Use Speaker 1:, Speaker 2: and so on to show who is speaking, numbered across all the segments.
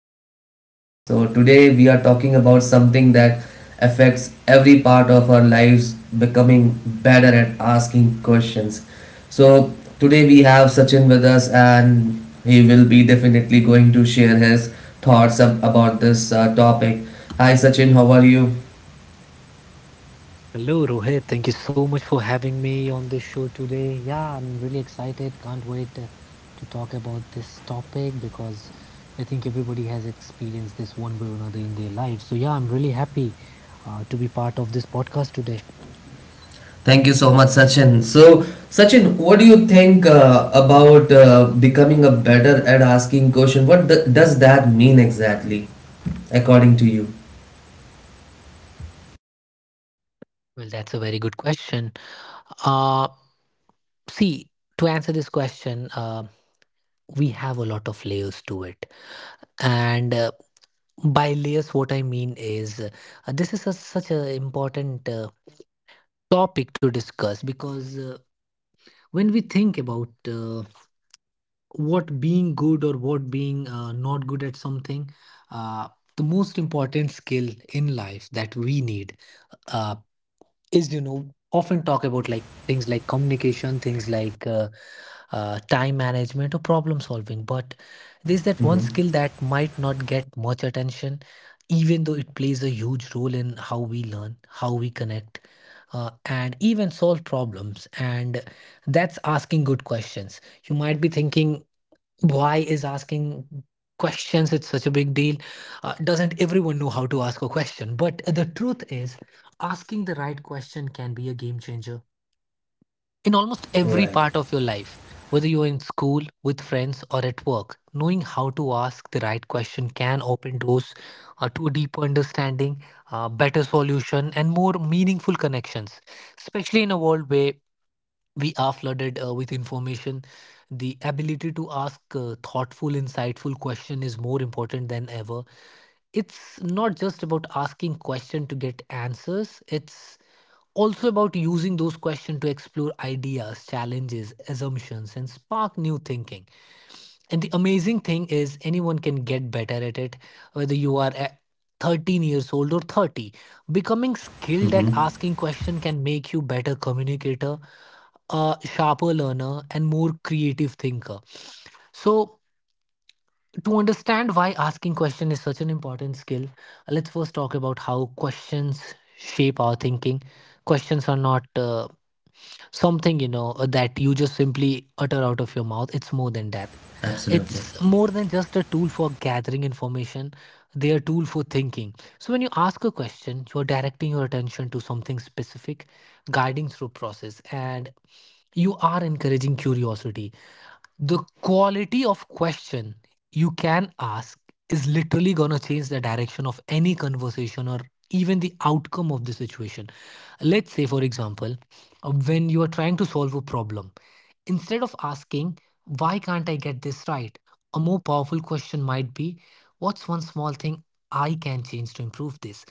Speaker 1: gets. So, today we are talking about something that affects every part of our lives, becoming better at asking questions. So, today we have Sachin with us, and he will be definitely going to share his thoughts about this topic. Hi, Sachin, how are you?
Speaker 2: Hello, Rohit. Thank you so much for having me on this show today. Yeah, I'm really excited. Can't wait to talk about this topic because I think everybody has experienced this one way or another in their life. So, yeah, I'm really happy to be part of this podcast today.
Speaker 1: Thank you so much, Sachin. So, Sachin, what do you think about becoming a better at asking question? What does that mean exactly, according to you?
Speaker 2: Well, that's a very good question. Uh, see, to answer this question, we have a lot of layers to it. And by layers, what I mean is this is such an important topic to discuss because when we think about what being good or what being not good at something, uh, the most important skill in life that we need uh, is often talk about like things like communication, things like time management or problem solving. But there's that one skill that might not get much attention, even though it plays a huge role in how we learn, how we connect, and even solve problems. And that's asking good questions. You might be thinking, why is asking questions it's such a big deal? Doesn't everyone know how to ask a question? But the truth is, asking the right question can be a game changer in almost every
Speaker 1: Right.
Speaker 2: part of your life. Whether you're in school, with friends, or at work, knowing how to ask the right question can open doors to a deeper understanding, better solution, and more meaningful connections, especially in a world where we are flooded with information. The ability to ask thoughtful, insightful question is more important than ever. It's not just about asking question to get answers, it's also about using those questions to explore ideas, challenges assumptions, and spark new thinking. And the amazing thing is anyone can get better at it, whether you are a 13 years old or 30. Becoming skilled at
Speaker 1: Mm-hmm.
Speaker 2: asking question can make you better communicator, a sharper learner, and more creative thinker. So, to understand why asking question is such an important skill, let's first talk about how questions shape our thinking. Questions are not something, that you just simply utter out of your mouth. It's more than that.
Speaker 1: Absolutely.
Speaker 2: It's more than just a tool for gathering information. They are tool for thinking. So when you ask a question, you are directing your attention to something specific, guiding through process, and you are encouraging curiosity. The quality of question you can ask is literally going to change the direction of any conversation or even the outcome of the situation. Let's say, for example, when you are trying to solve a problem, instead of asking, why can't I get this right? A more powerful question might be, what's one small thing I can change to improve this?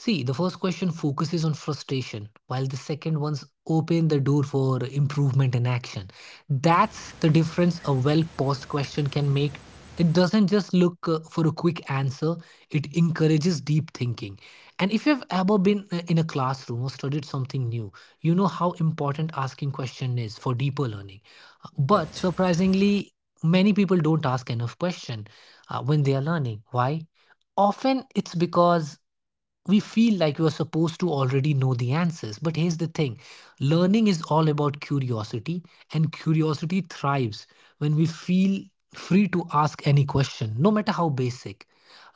Speaker 2: See, the first question focuses on frustration, while the second ones open the door for improvement and action. That's the difference a well posed question can make. It doesn't just look for a quick answer, it encourages deep thinking. And if you've ever been in a classroom or studied something new, you know how important asking question is for deeper learning. But
Speaker 1: Correct.
Speaker 2: surprisingly, many people don't ask enough question when they are learning. Why? Often it's because we feel like we're supposed to already know the answers. But here's the thing, learning is all about curiosity, and curiosity thrives when we feel free to ask any question, no matter how basic.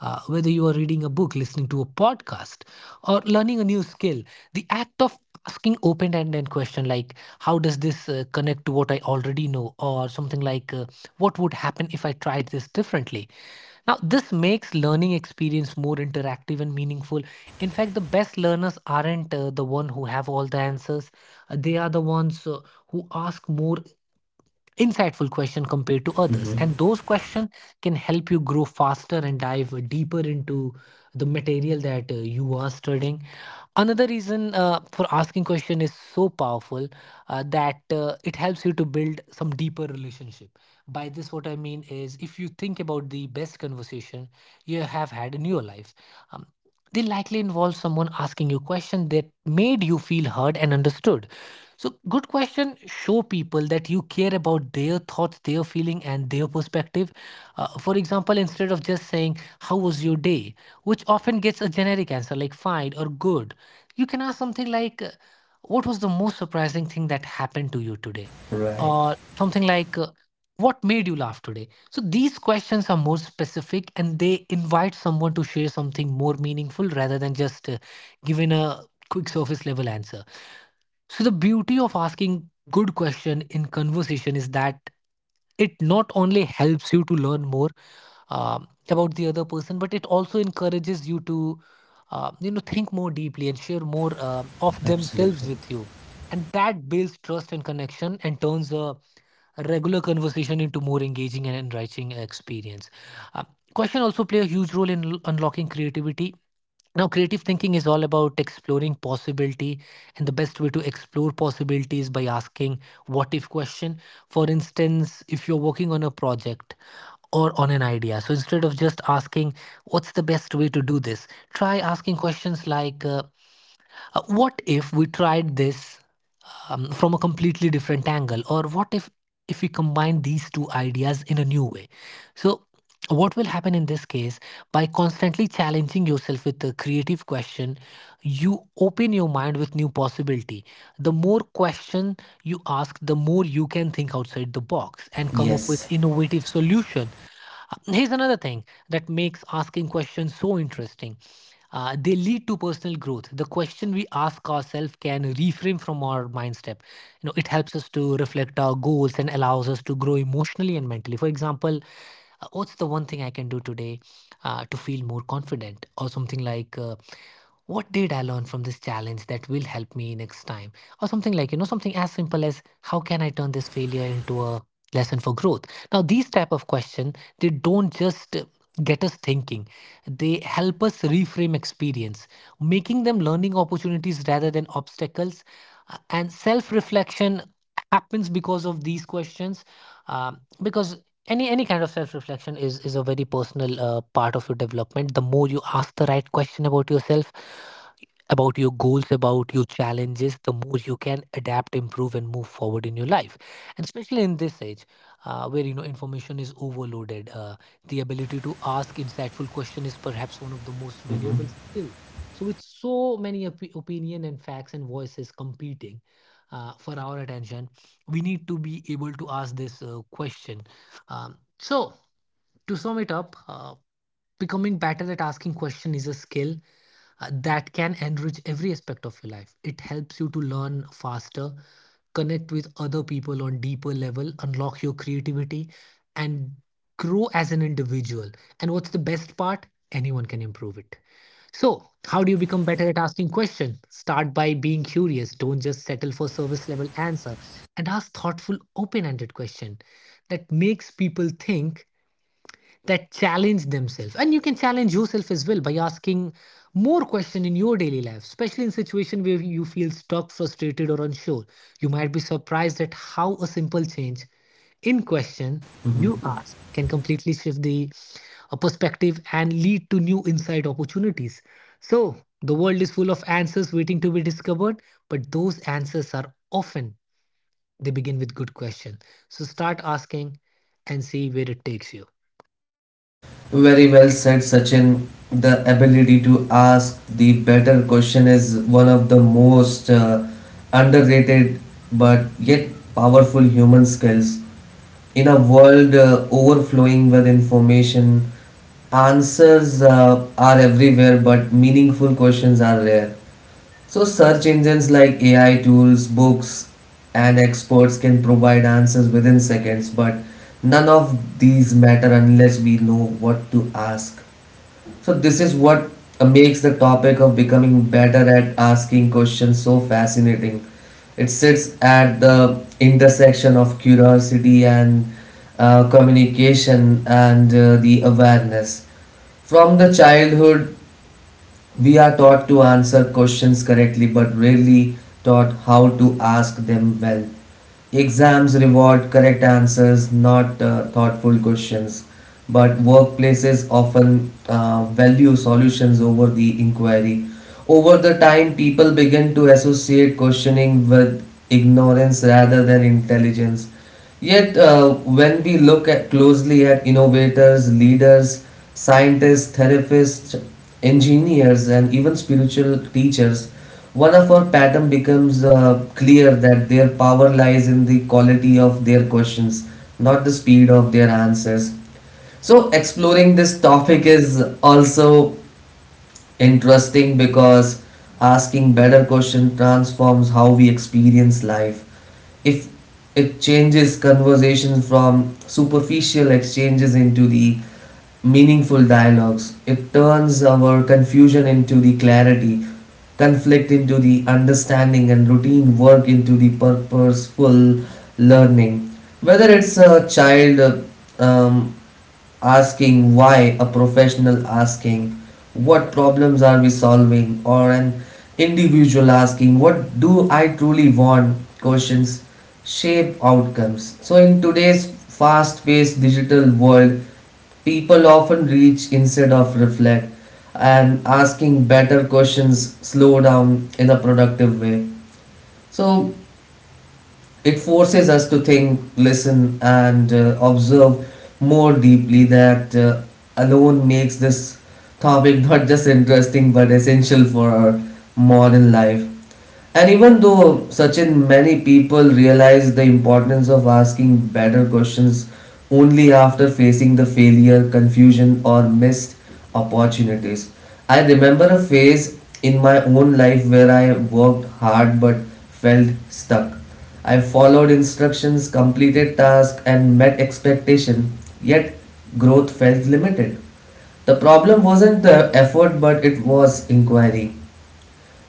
Speaker 2: Whether you are reading a book, listening to a podcast, or learning a new skill, the act of asking open-ended question like, how does this connect to what I already know, or something like, what would happen if I tried this differently? Now this makes learning experience more interactive and meaningful. In fact, the best learners aren't the one who have all the answers. They are the ones who ask more insightful question compared to others, and those questions can help you grow faster and dive deeper into the material that you are studying. Another reason for asking question is so powerful that it helps you to build some deeper relationship. By this, what I mean is, if you think about the best conversation you have had in your life, um, they likely involve someone asking you question that made you feel heard and understood. So good question show people that you care about their thoughts, their feeling, and their perspective. For example, instead of just saying, how was your day, which often gets a generic answer like fine or good, you can ask something like, what was the most surprising thing that happened to you today?
Speaker 1: Right.
Speaker 2: Or something like, what made you laugh today? So these questions are more specific and they invite someone to share something more meaningful rather than just giving a quick surface level answer. So the beauty of asking good question in conversation is that it not only helps you to learn more about the other person, but it also encourages you to, think more deeply and share more of themselves
Speaker 1: Absolutely.
Speaker 2: with you. And that builds trust and connection and turns a regular conversation into more engaging and enriching experience. Uh, Question also play a huge role in unlocking creativity. Now, creative thinking is all about exploring possibility, and the best way to explore possibility is by asking, what if question. For instance, if you're working on a project or on an idea, so instead of just asking, what's the best way to do this, try asking questions like, what if we tried this from a completely different angle, or what if we combine these two ideas in a new way. So what will happen in this case? By constantly challenging yourself with a creative question, you open your mind with new possibility. The more question you ask, the more you can think outside the box and come up
Speaker 1: Yes.
Speaker 2: with innovative solution. Here's another thing that makes asking questions so interesting. They lead to personal growth. The question we ask ourselves can reframe from our mind step. You know, it helps us to reflect our goals and allows us to grow emotionally and mentally. For example, what's the one thing I can do today to feel more confident, or something like. What did I learn from this challenge that will help me next time? Or something like, you know, something as simple as, how can I turn this failure into a lesson for growth? Now these type of question, they don't just get us thinking, they help us reframe experience, making them learning opportunities rather than obstacles. And self reflection happens because of these questions, um, because any kind of self reflection is a very personal part of your development. The more you ask the right question about yourself, about your goals, about your challenges, the more you can adapt, improve, and move forward in your life. And especially in this age, where information is overloaded, the ability to ask insightful question is perhaps one of the most valuable skill. So, with so many opinion and facts and voices competing for our attention, we need to be able to ask this question. So, to sum it up, becoming better at asking question is a skill that can enrich every aspect of your life. It helps you to learn faster, connect with other people on deeper level, unlock your creativity, and grow as an individual. And what's the best part? Anyone can improve it. So, how do you become better at asking questions? Start by being curious. Don't just settle for service level answer, and ask thoughtful, open ended question that makes people think, that challenge themselves. And you can challenge yourself as well by asking more questions in your daily life, especially in situation where you feel stuck, frustrated, or unsure. You might be surprised at how a simple change in question you ask can completely shift the perspective and lead to new insight opportunities. So the world is full of answers waiting to be discovered, but those answers are often, they begin with good question. So start asking and see where it takes you.
Speaker 1: Very well said, Sachin. The ability to ask the better question is one of the most underrated but yet powerful human skills. In a world overflowing with information, answers are everywhere, but meaningful questions are rare. So, search engines like AI tools, books, and experts can provide answers within seconds, but none of these matter unless we know what to ask. So, this is what makes the topic of becoming better at asking questions so fascinating. It sits at the intersection of curiosity and communication and the awareness. From the childhood we are taught to answer questions correctly but rarely taught how to ask them well. Exams reward correct answers, not thoughtful questions, but workplaces often value solutions over the inquiry. Over the time, people begin to associate questioning with ignorance rather than intelligence. Yet, when we look at closely at innovators, leaders, scientists, therapists, engineers, and even spiritual teachers, one of our pattern becomes clear that their power lies in the quality of their questions, not the speed of their answers. So, exploring this topic is also interesting because asking better question transforms how we experience life. If it changes conversation from superficial exchanges into the meaningful dialogues. It turns our confusion into the clarity, conflict into the understanding, and routine work into the purposeful learning. Whether it's a child um, asking why, a professional asking what problems are we solving, or an individual asking what do I truly want, questions shape outcomes. So, in today's fast paced digital world, people often reach instead of reflect, and asking better questions slow down in a productive way. So it forces us to think, listen, and observe more deeply. That alone makes this topic not just interesting but essential for our modern life. And even though, Sachin, many people realize the importance of asking better questions only after facing the failure, confusion, or missed opportunities. I remember a phase in my own life where I worked hard but felt stuck. I followed instructions, completed tasks, and met expectation, yet growth felt limited. The problem wasn't the effort, but it was inquiry.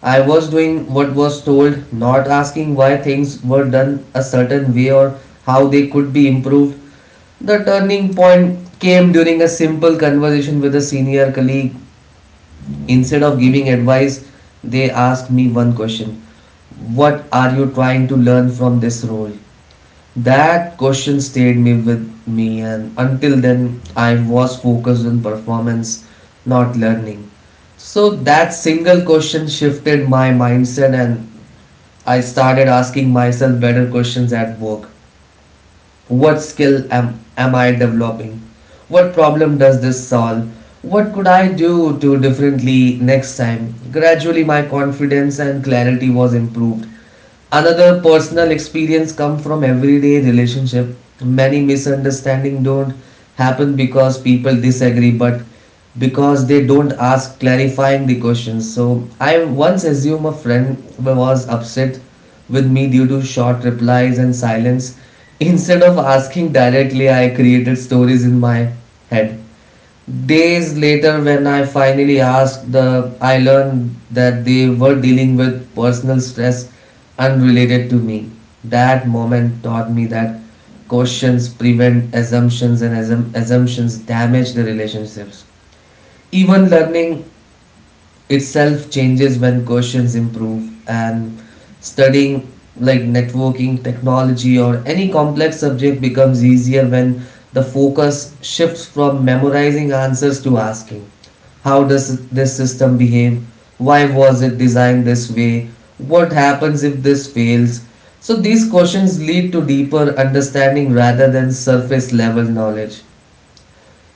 Speaker 1: I was doing what was told, not asking why things were done a certain way or how they could be improved. The turning point came during a simple conversation with a senior colleague. Instead of giving advice, they asked me one question: what are you trying to learn from this role? That question stayed me with me, and until then, I was focused on performance, not learning. So that single question shifted my mindset, and I started asking myself better questions at work. What skill am I developing? What problem does this solve? What could I do to differently next time? Gradually, my confidence and clarity was improved. Another personal experience come from everyday relationship. Many misunderstanding don't happen because people disagree but because they don't ask clarifying the questions. So I once assume a friend was upset with me due to short replies and silence. Instead of asking directly, I created stories in my head. Days later, when I finally asked, I learned that they were dealing with personal stress unrelated to me. That moment taught me that questions prevent assumptions, and assumptions damage the relationships. Even learning itself changes when questions improve. And studying like networking technology or any complex subject becomes easier when the focus shifts from memorizing answers to asking how does this system behave, why was it designed this way, what happens if this fails. So these questions lead to deeper understanding rather than surface level knowledge.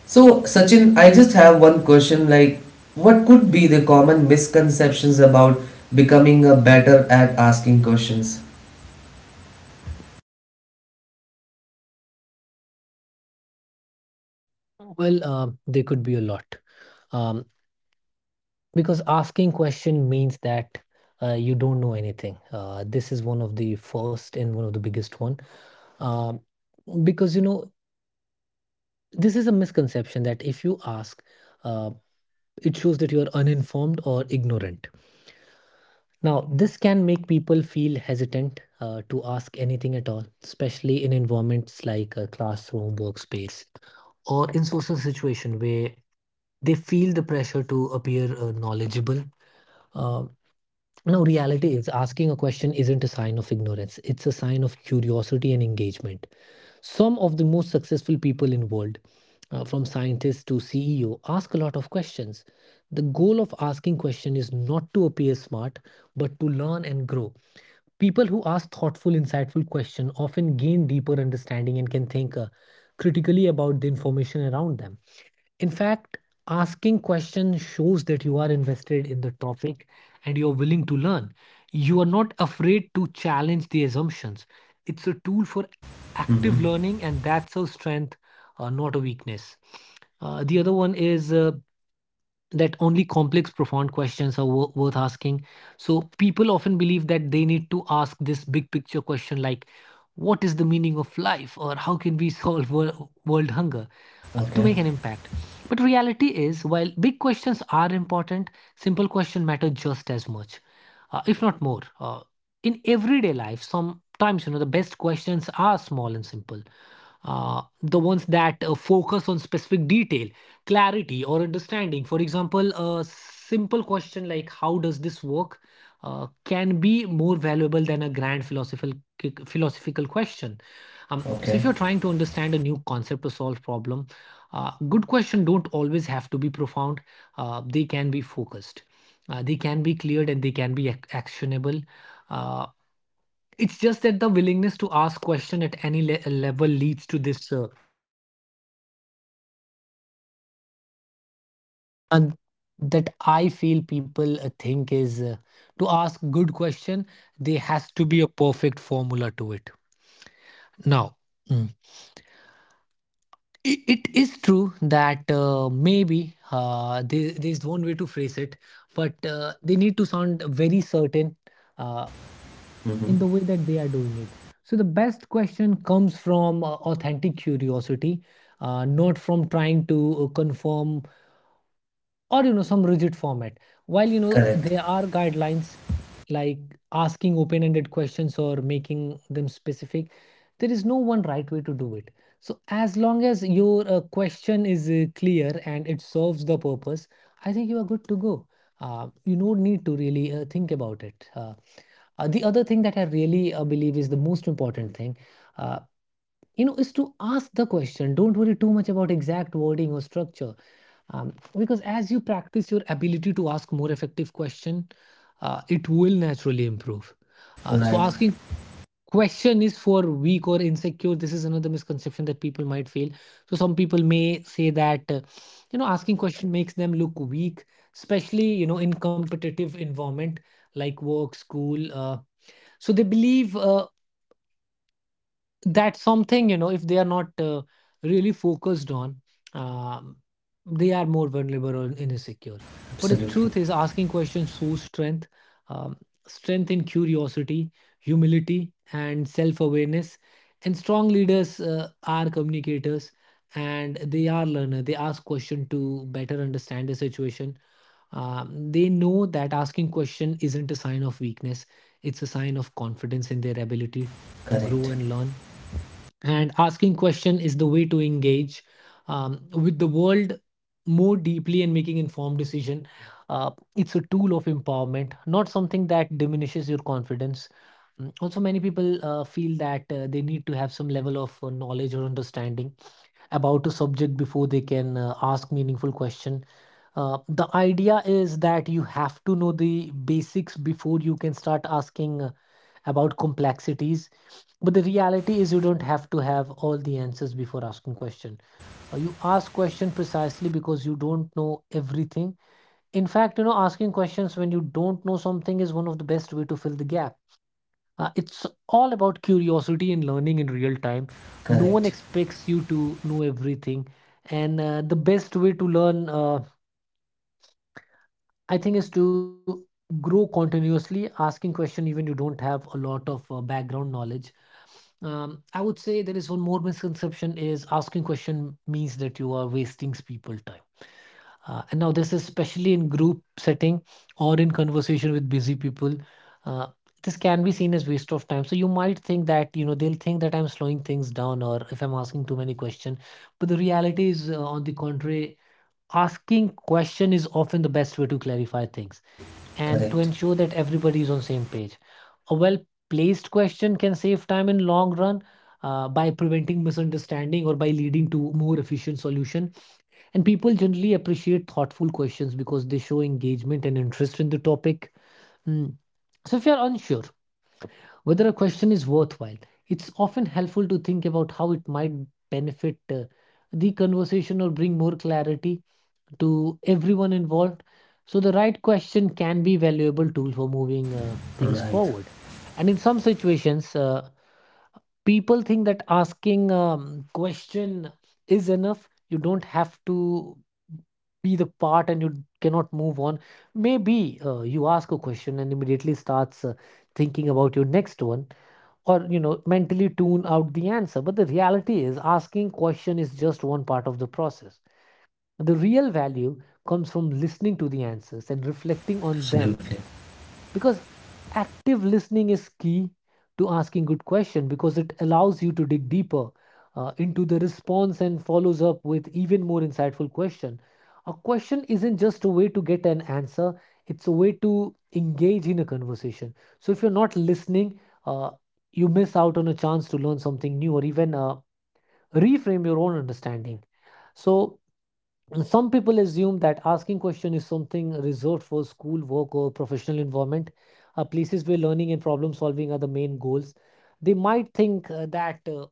Speaker 1: So, Sachin, I just have one question like, what could be the common misconceptions about becoming a better at asking questions?
Speaker 2: Well, there could be a lot, um, because asking question means that you don't know anything. This is one of the first and one of the biggest one, um, because this is a misconception that if you ask, uh, it shows that you are uninformed or ignorant. Now, this can make people feel hesitant to ask anything at all, especially in environments like a classroom, workspace, or in social situation where they feel the pressure to appear knowledgeable. Uh, no, reality is asking a question isn't a sign of ignorance. It's a sign of curiosity and engagement. Some of the most successful people in the world, from scientists to CEO, ask a lot of questions. The goal of asking question is not to appear smart, but to learn and grow. People who ask thoughtful, insightful questions often gain deeper understanding and can think critically about the information around them. In fact, asking questions shows that you are invested in the topic and you're willing to learn. You are not afraid to challenge the assumptions. It's a tool for active
Speaker 1: Mm-hmm.
Speaker 2: learning, and that's a strength, not a weakness. The other one is that only complex, profound questions are worth asking. So people often believe that they need to ask this big picture question like, what is the meaning of life or how can we solve world hunger to
Speaker 1: Okay,
Speaker 2: make an impact? But reality is, while big questions are important, simple questions matter just as much, if not more. In everyday life, sometimes the best questions are small and simple. The ones that focus on specific detail, clarity or understanding. For example, a simple question like "How does this work?" Can be more valuable than a grand philosophical question. So,
Speaker 1: okay.
Speaker 2: if you're trying to understand a new concept or solve problem, good question don't always have to be profound. They can be focused. They can be cleared and they can be actionable. Uh, it's just that the willingness to ask question at any level leads to this, that I feel people think is, to ask good question, there has to be a perfect formula to it. Now, mm, it is true that maybe there's one way to phrase it, but they need to sound very certain uh, in the
Speaker 1: Mm-hmm.
Speaker 2: way that they are doing it. So the best question comes from authentic curiosity, not from trying to confirm, or some rigid format, while
Speaker 1: Correct.
Speaker 2: there are guidelines like asking open-ended questions or making them specific. There is no one right way to do it, so as long as your question is clear and it serves the purpose, I think you are good to go. You don't need to really think about it. The other thing that I really believe is the most important thing, uh, is to ask the question. Don't worry too much about exact wording or structure, um, because as you practice, your ability to ask more effective question, it will naturally improve. So
Speaker 1: Right.
Speaker 2: asking question is for weak or insecure, this is another misconception that people might feel. So some people may say that asking question makes them look weak, especially in competitive environment like work, school. So they believe, that's something, if they are not really focused on, um, they are more vulnerable and insecure. But the
Speaker 1: Absolutely.
Speaker 2: truth is asking questions shows strength, um, strength in curiosity, humility and self-awareness. And strong leaders are communicators, and they are learner. They ask question to better understand the situation. They know that asking question isn't a sign of weakness. It's a sign of confidence in their ability to
Speaker 1: Correct,
Speaker 2: grow and learn, and asking question is the way to engage with the world more deeply and making informed decision. It's a tool of empowerment, not something that diminishes your confidence. Also, many people feel that they need to have some level of knowledge or understanding about a subject before they can ask meaningful question. The idea is that you have to know the basics before you can start asking about complexities. But the reality is you don't have to have all the answers before asking question. You ask question precisely because you don't know everything. In fact, asking questions when you don't know something is one of the best way to fill the gap. It's all about curiosity and learning in real time. No one
Speaker 1: correct,
Speaker 2: expects you to know everything. And the best way to learn, I think is to grow continuously, asking question even you don't have a lot of background knowledge. I would say there is one more misconception is asking question means that you are wasting people time. And now this is especially in group setting or in conversation with busy people. Uh, this can be seen as waste of time. So you might think that they'll think that I'm slowing things down or if I'm asking too many questions. But the reality is, on the contrary, asking question is often the best way to clarify things and to
Speaker 1: correct.
Speaker 2: ensure that everybody is on same page. A well placed question can save time in long run by preventing misunderstanding or by leading to more efficient solution. And people generally appreciate thoughtful questions because they show engagement and interest in the topic. Hmm. So if you're unsure whether a question is worthwhile, it's often helpful to think about how it might benefit the conversation or bring more clarity to everyone involved. So the right question can be a valuable tool for moving things
Speaker 1: Right.
Speaker 2: forward. And in some situations, people think that asking question is enough. You don't have to be the part and you cannot move on. Maybe you ask a question and immediately starts thinking about your next one, or mentally tune out the answer. But the reality is asking question is just one part of the process. The real value comes from listening to the answers and reflecting on them,
Speaker 1: Absolutely.
Speaker 2: because active listening is key to asking good question, because it allows you to dig deeper into the response and follows up with even more insightful question. A question isn't just a way to get an answer, it's a way to engage in a conversation. So if you're not listening, uh, you miss out on a chance to learn something new or even reframe your own understanding. So some people assume that asking question is something reserved for school, work, or professional environment, places where learning and problem solving are the main goals. They might think that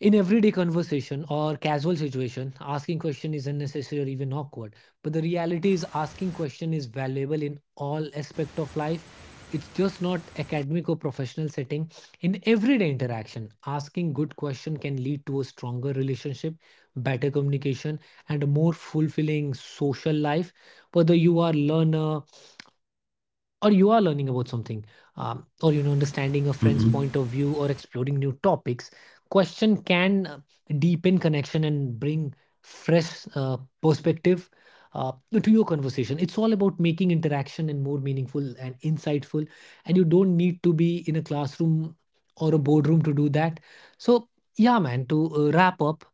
Speaker 2: in everyday conversation or casual situation, asking question is unnecessary or even awkward. But the reality is asking question is valuable in all aspect of life. It's just not academic or professional setting. In everyday interaction, asking good question can lead to a stronger relationship, better communication, and a more fulfilling social life. Whether you are learner, or you are learning about something, or understanding a friend's point of view or exploring new topics, question can deepen connection and bring fresh perspective uh, to your conversation. It's all about making interaction and more meaningful and insightful, and you don't need to be in a classroom or a boardroom to do that. So, yeah, man, to wrap up,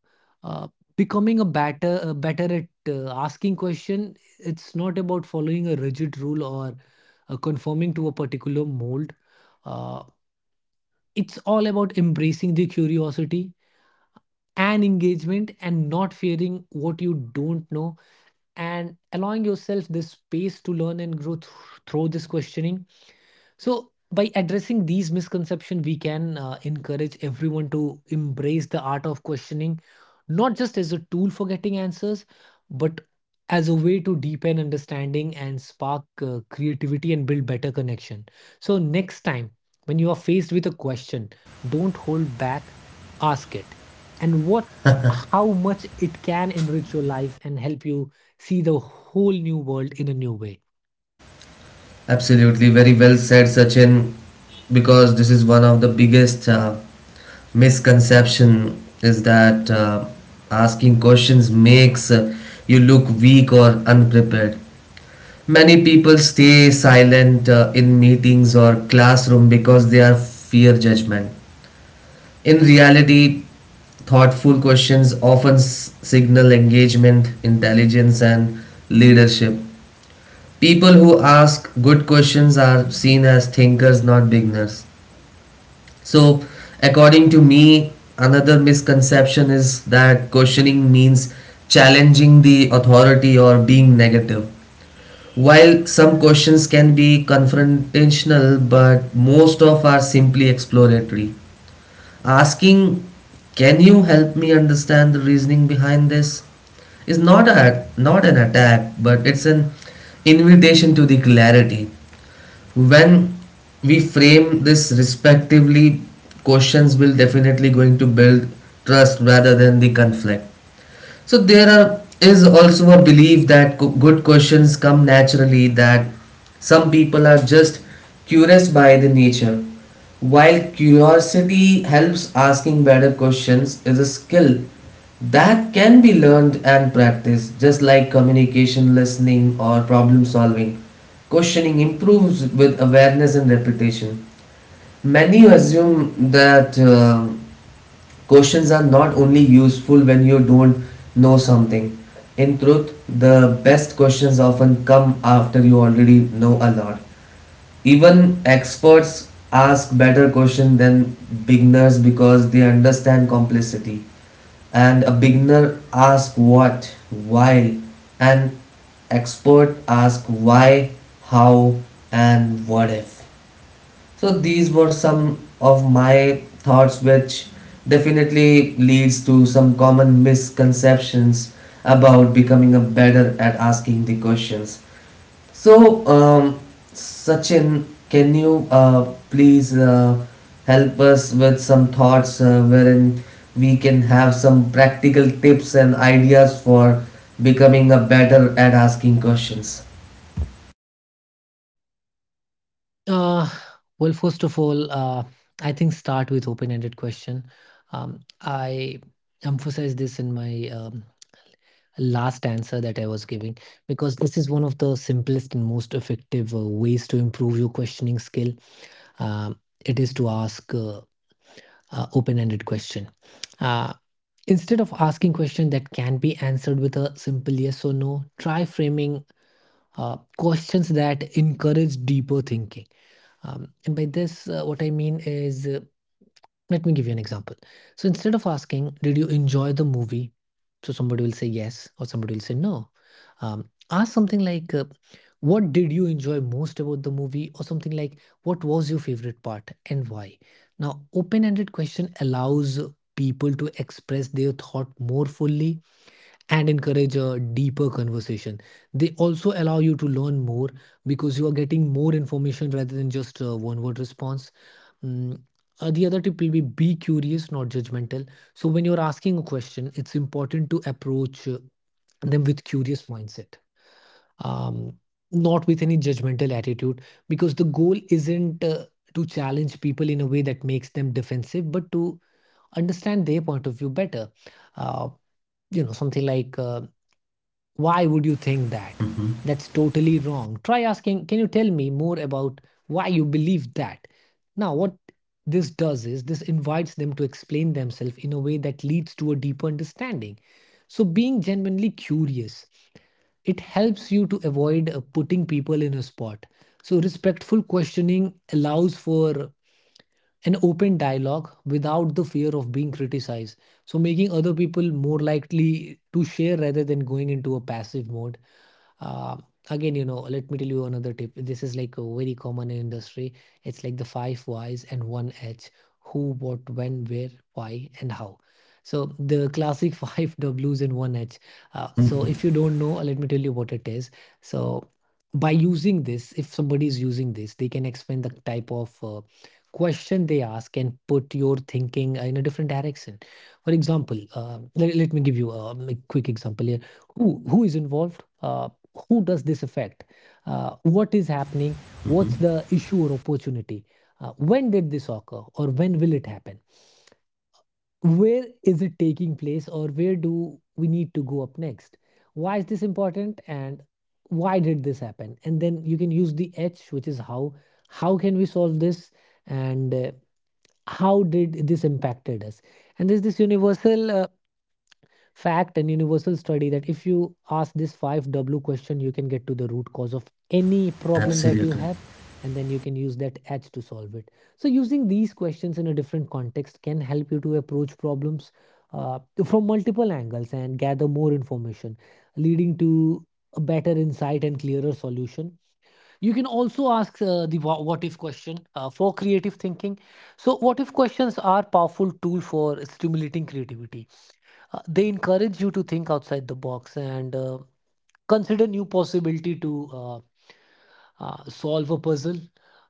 Speaker 2: uh, becoming a better at asking question, it's not about following a rigid rule or conforming to a particular mold. Uh, it's all about embracing the curiosity and engagement and not fearing what you don't know, and allowing yourself this space to learn and grow through this questioning. So, by addressing these misconceptions, we can encourage everyone to embrace the art of questioning, not just as a tool for getting answers, but as a way to deepen understanding and spark creativity and build better connection. So, next time when you are faced with a question, don't hold back, ask it, and watch how much it can enrich your life and help you see the whole new world in a new way.
Speaker 1: Absolutely, very well said, Sachin, because this is one of the biggest misconception is that asking questions makes you look weak or unprepared. Many people stay silent in meetings or classroom because they are fear judgment. In reality, thoughtful questions often signal engagement, intelligence, and leadership. People who ask good questions are seen as thinkers, not beginners. So, according to me, another misconception is that questioning means challenging the authority or being negative. While some questions can be confrontational, but most of are simply exploratory. Asking, "Can you help me understand the reasoning behind this?" is not an attack, but it's an invitation to the clarity. When we frame this respectively, questions will definitely going to build trust rather than the conflict. So there are is also a belief that good questions come naturally, that some people are just curious by the nature. While curiosity helps, asking better questions is a skill that can be learned and practiced just like communication, listening, or problem solving. Questioning improves with awareness and repetition. Many assume that questions are not only useful when you don't know something. In truth, the best questions often come after you already know a lot. Even experts ask better questions than beginners because they understand complexity. And a beginner asks what, why, and expert asks why, how, and what if. So these were some of my thoughts which definitely leads to some common misconceptions about becoming a better at asking the questions. So Sachin, can you please help us with some thoughts wherein we can have some practical tips and ideas for becoming a better at asking questions?
Speaker 2: Uh, well, first of all, I think start with open-ended question. I emphasize this in my last answer that I was giving, because this is one of the simplest and most effective ways to improve your questioning skill. Um, it is to ask open-ended question. Uh, Instead of asking question that can be answered with a simple yes or no, try framing questions that encourage deeper thinking. And by this, what I mean is, let me give you an example. So instead of asking, did you enjoy the movie? So somebody will say yes, or somebody will say no. Ask something like, what did you enjoy most about the movie? Or something like, what was your favorite part and why? Now, open ended question allows people to express their thought more fully and encourage a deeper conversation. They also allow you to learn more because you are getting more information rather than just a one word response. Mm, the other tip will be curious, not judgmental. So, when you're asking a question, it's important to approach them with curious mindset, um, not with any judgmental attitude, because the goal isn't to challenge people in a way that makes them defensive, but to understand their point of view better. Uh, you know, something like Why would you think that?
Speaker 1: Mhm.
Speaker 2: That's totally wrong. Try asking, can you tell me more about why you believe that? Now, what this does is this invites them to explain themselves in a way that leads to a deeper understanding. So, being genuinely curious, it helps you to avoid putting people in a spot. So, respectful questioning allows for an open dialogue without the fear of being criticized. So, making other people more likely to share rather than going into a passive mode uh, again you know Let me tell you another tip. This is like a very common in industry. It's like the five whys and one h: who, what, when, where, why, and how. So the classic five w's and one h. So if you don't know, let me tell you what it is. So by using this, if somebody is using this, they can expand the type of question they ask and put your thinking in a different direction. For example, let me give you a quick example here. Who is involved? Who does this affect? What is happening? What's the issue or opportunity? When did this occur, or when will it happen? Where is it taking place, or where do we need to go up next? Why is this important, and why did this happen? And then you can use the h, which is how. How can we solve this? And how did this impacted us? And there's this universal fact and universal study that if you ask this 5w question, you can get to the root cause of any problem that you
Speaker 1: Absolutely.
Speaker 2: have. And then you can use that h to solve it. So using these questions in a different context can help you to approach problems uh, from multiple angles and gather more information, leading to a better insight and clearer solution. You can also ask the what if question for creative thinking. So what if questions are powerful tool for stimulating creativity. They encourage you to think outside the box and consider new possibility to solve a puzzle.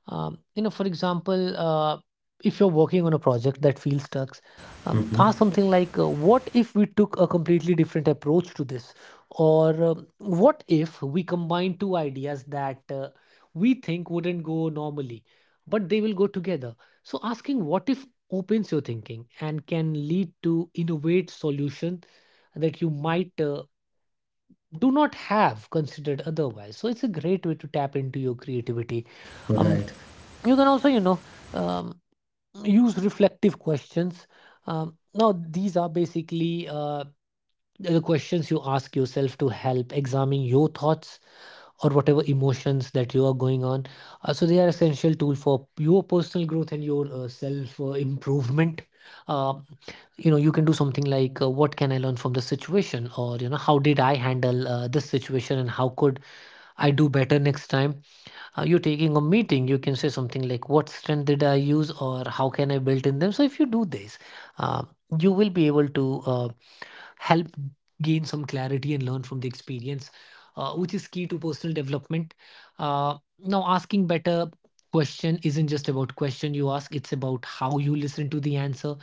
Speaker 2: For example, if you're working on a project that feels stuck,
Speaker 1: Hmm.
Speaker 2: ask something like, "What if we took a completely different approach to this?" Or "What if we combine two ideas that we think wouldn't go normally, but they will go together?" So, asking "What if" opens your thinking and can lead to innovate solution that you might do not have considered otherwise. So it's a great way to tap into your creativity um
Speaker 1: Right.
Speaker 2: you can also, um, use reflective questions. Now these are basically the questions you ask yourself to help examine your thoughts or whatever emotions that you are going on. So they are essential tool for your personal growth and your self improvement. Uh, you know you can do something like, what can I learn from this situation? Or, you know, how did I handle this situation and how could I do better next time? You're taking a meeting, you can say something like, what strength did I use or how can I build in them? So if you do this, uh, you will be able to uh, help gain some clarity and learn from the experience, which is key to personal development. Now, asking better question isn't just about question you ask; it's about how you listen to the answer.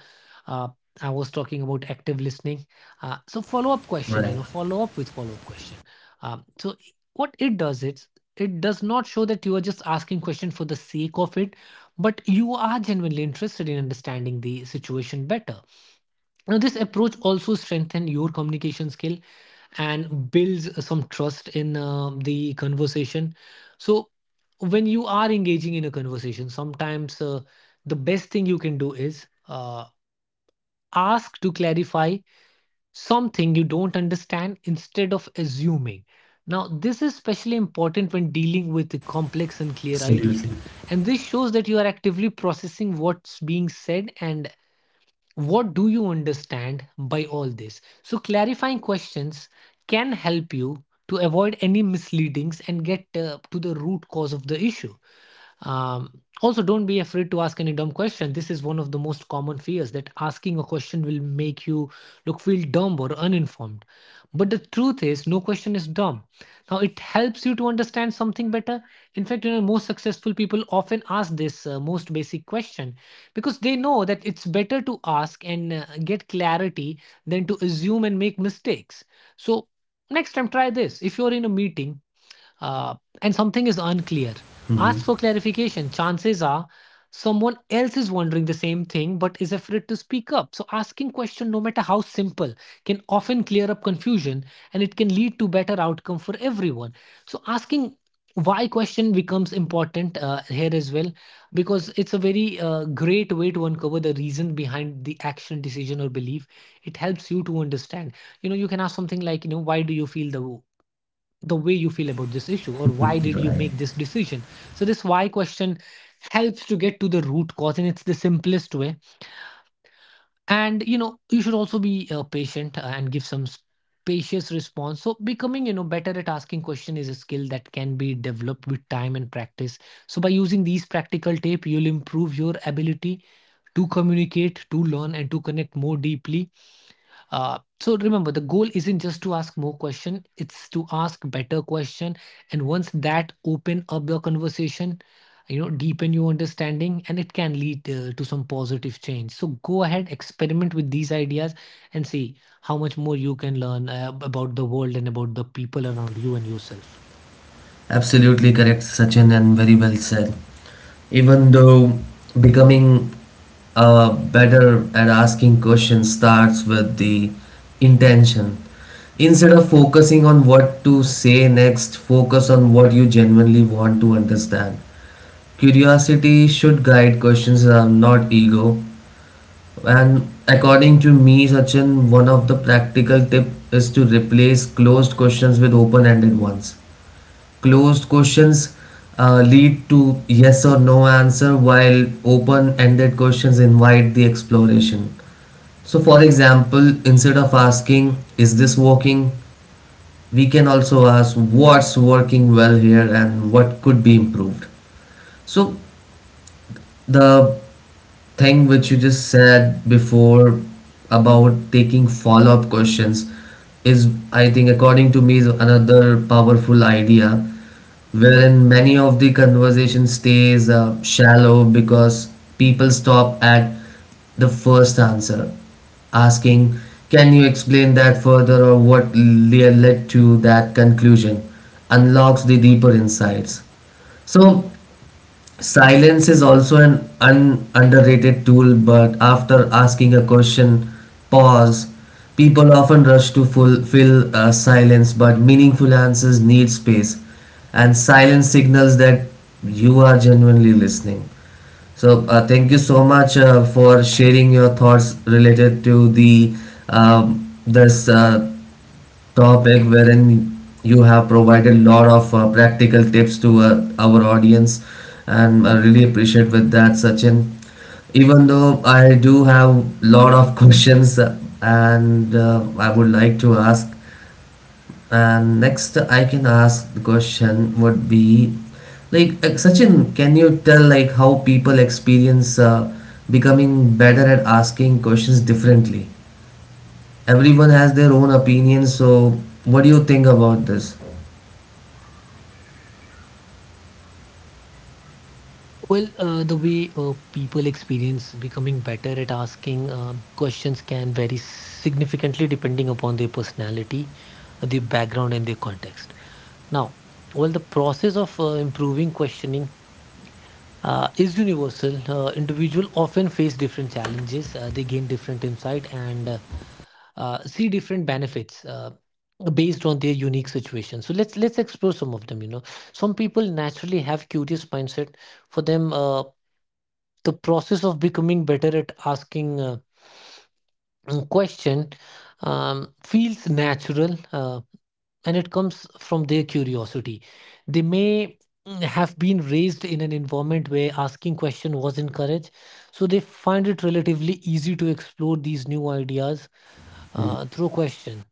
Speaker 2: Uh, I was talking about active listening. So follow up question, you
Speaker 1: Right.
Speaker 2: know, follow up with follow up question. So what it does is it does not show that you are just asking question for the sake of it, but you are genuinely interested in understanding the situation better. Now, this approach also strengthens your communication skill and builds some trust in the conversation. So, when you are engaging in a conversation, sometimes the best thing you can do is ask to clarify something you don't understand instead of assuming. Now, this is especially important when dealing with a complex and clear idea.
Speaker 1: Absolutely.
Speaker 2: And this shows that you are actively processing what's being said and what do you understand by all this? So, clarifying questions can help you to avoid any misleadings and get to the root cause of the issue. Also, don't be afraid to ask any dumb question. This is one of the most common fears that asking a question will make you look feel dumb or uninformed. But the truth is, no question is dumb. Now, it helps you to understand something better. In fact, you know, most successful people often ask this most basic question because they know that it's better to ask and get clarity than to assume and make mistakes. So, next time, try this. If you're in a meeting, uh, and something is unclear,
Speaker 1: Mhm.
Speaker 2: ask for clarification. Chances are someone else is wondering the same thing but is afraid to speak up. So asking question, no matter how simple, can often clear up confusion, and it can lead to better outcome for everyone. So asking why question becomes important here as well, because it's a very great way to uncover the reason behind the action decision or belief. It helps you to understand. You know you can ask something like, you know why do you feel the way you feel about this issue, or why did you
Speaker 1: Right.
Speaker 2: make this decision? So this why question helps to get to the root cause, and it's the simplest way. And you know, you should also be patient and give some spacious response. So becoming, you know, better at asking question is a skill that can be developed with time and practice. So by using these practical tips, you'll improve your ability to communicate, to learn, and to connect more deeply. So remember, the goal isn't just to ask more question; it's to ask better question. And once that open up the conversation, you know, deepen your understanding, and it can lead to some positive change. So go ahead, experiment with these ideas, and see how much more you can learn about the world and about the people around you and yourself.
Speaker 1: Absolutely correct, Sachin, and very well said. Even though becoming better at asking questions starts with the intention. Instead of focusing on what to say next, focus on what you genuinely want to understand. Curiosity should guide questions, not ego. And according to me, Sachin, one of the practical tip is to replace closed questions with open-ended ones. Closed questions lead to yes or no answer, while open ended questions invite the exploration. So, for example, instead of asking, "Is this working?" we can also ask, "What's working well here and what could be improved?" So, the thing which you just said before about taking follow-up questions is, I think according to me, is another powerful idea wherein many of the conversation stays shallow because people stop at the first answer. Asking "Can you explain that further?" or "What led to that conclusion?" unlocks the deeper insights. So silence is also an underrated tool, but after asking a question, pause. People often rush to fulfill silence, but meaningful answers need space, and silence signals that you are genuinely listening. So thank you so much for sharing your thoughts related to the this topic wherein you have provided lot of practical tips to our audience, and I really appreciate with that, Sachin. Even though I do have lot of questions and I would like to ask, and next, I can ask the question would be like, Sachin, can you tell like how people experience becoming better at asking questions differently? Everyone has their own opinion, so what do you think about this?
Speaker 2: Well, the way people experience becoming better at asking questions can vary significantly depending upon their personality, their background, and their context. Now, while the process of improving questioning is universal, individuals often face different challenges. They gain different insight and see different benefits. Based on their unique situation, so let's explore some of them. You know some people naturally have curious mindset. For them, the process of becoming better at asking question feels natural, and it comes from their curiosity. They may have been raised in an environment where asking question was encouraged, so they find it relatively easy to explore these new ideas through question.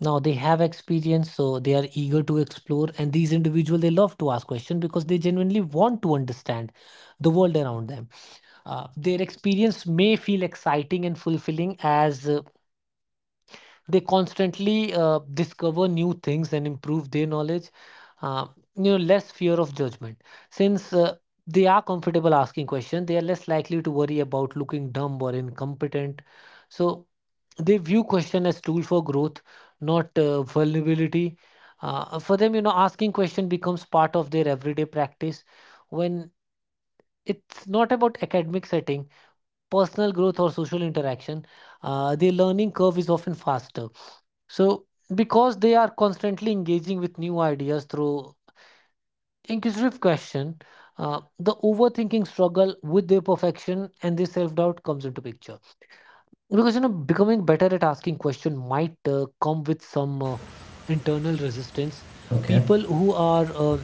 Speaker 2: Now they have experience, so they are eager to explore, and these individuals, they love to ask question because they genuinely want to understand the world around them. Their experience may feel exciting and fulfilling as they constantly discover new things and improve their knowledge. Uh, you know less fear of judgment. Since they are comfortable asking questions, they are less likely to worry about looking dumb or incompetent. So they view question as tool for growth, not vulnerability. For them, you know, asking question becomes part of their everyday practice. When it's not about academic setting, personal growth or social interaction, their learning curve is often faster. So, because they are constantly engaging with new ideas through inquisitive question, the overthinking struggle with their perfection and their self doubt comes into picture. Because you know, becoming better at asking question might come with some internal resistance.
Speaker 1: Okay,
Speaker 2: People who are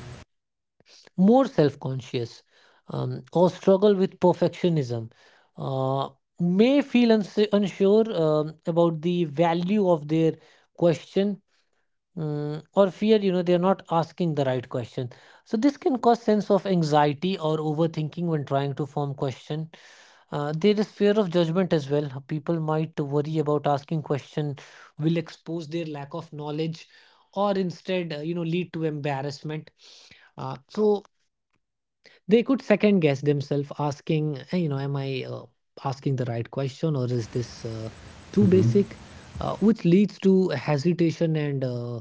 Speaker 2: more self conscious, or struggle with perfectionism, uh, may feel unsure about the value of their question. Or fear they're not asking the right question. So this can cause sense of anxiety or overthinking when trying to form question. There is fear of judgment as well. People might worry about asking question will expose their lack of knowledge, or instead lead to embarrassment. So they could second guess themselves asking, "Hey, am I asking the right question, or is this too basic?" Which leads to hesitation and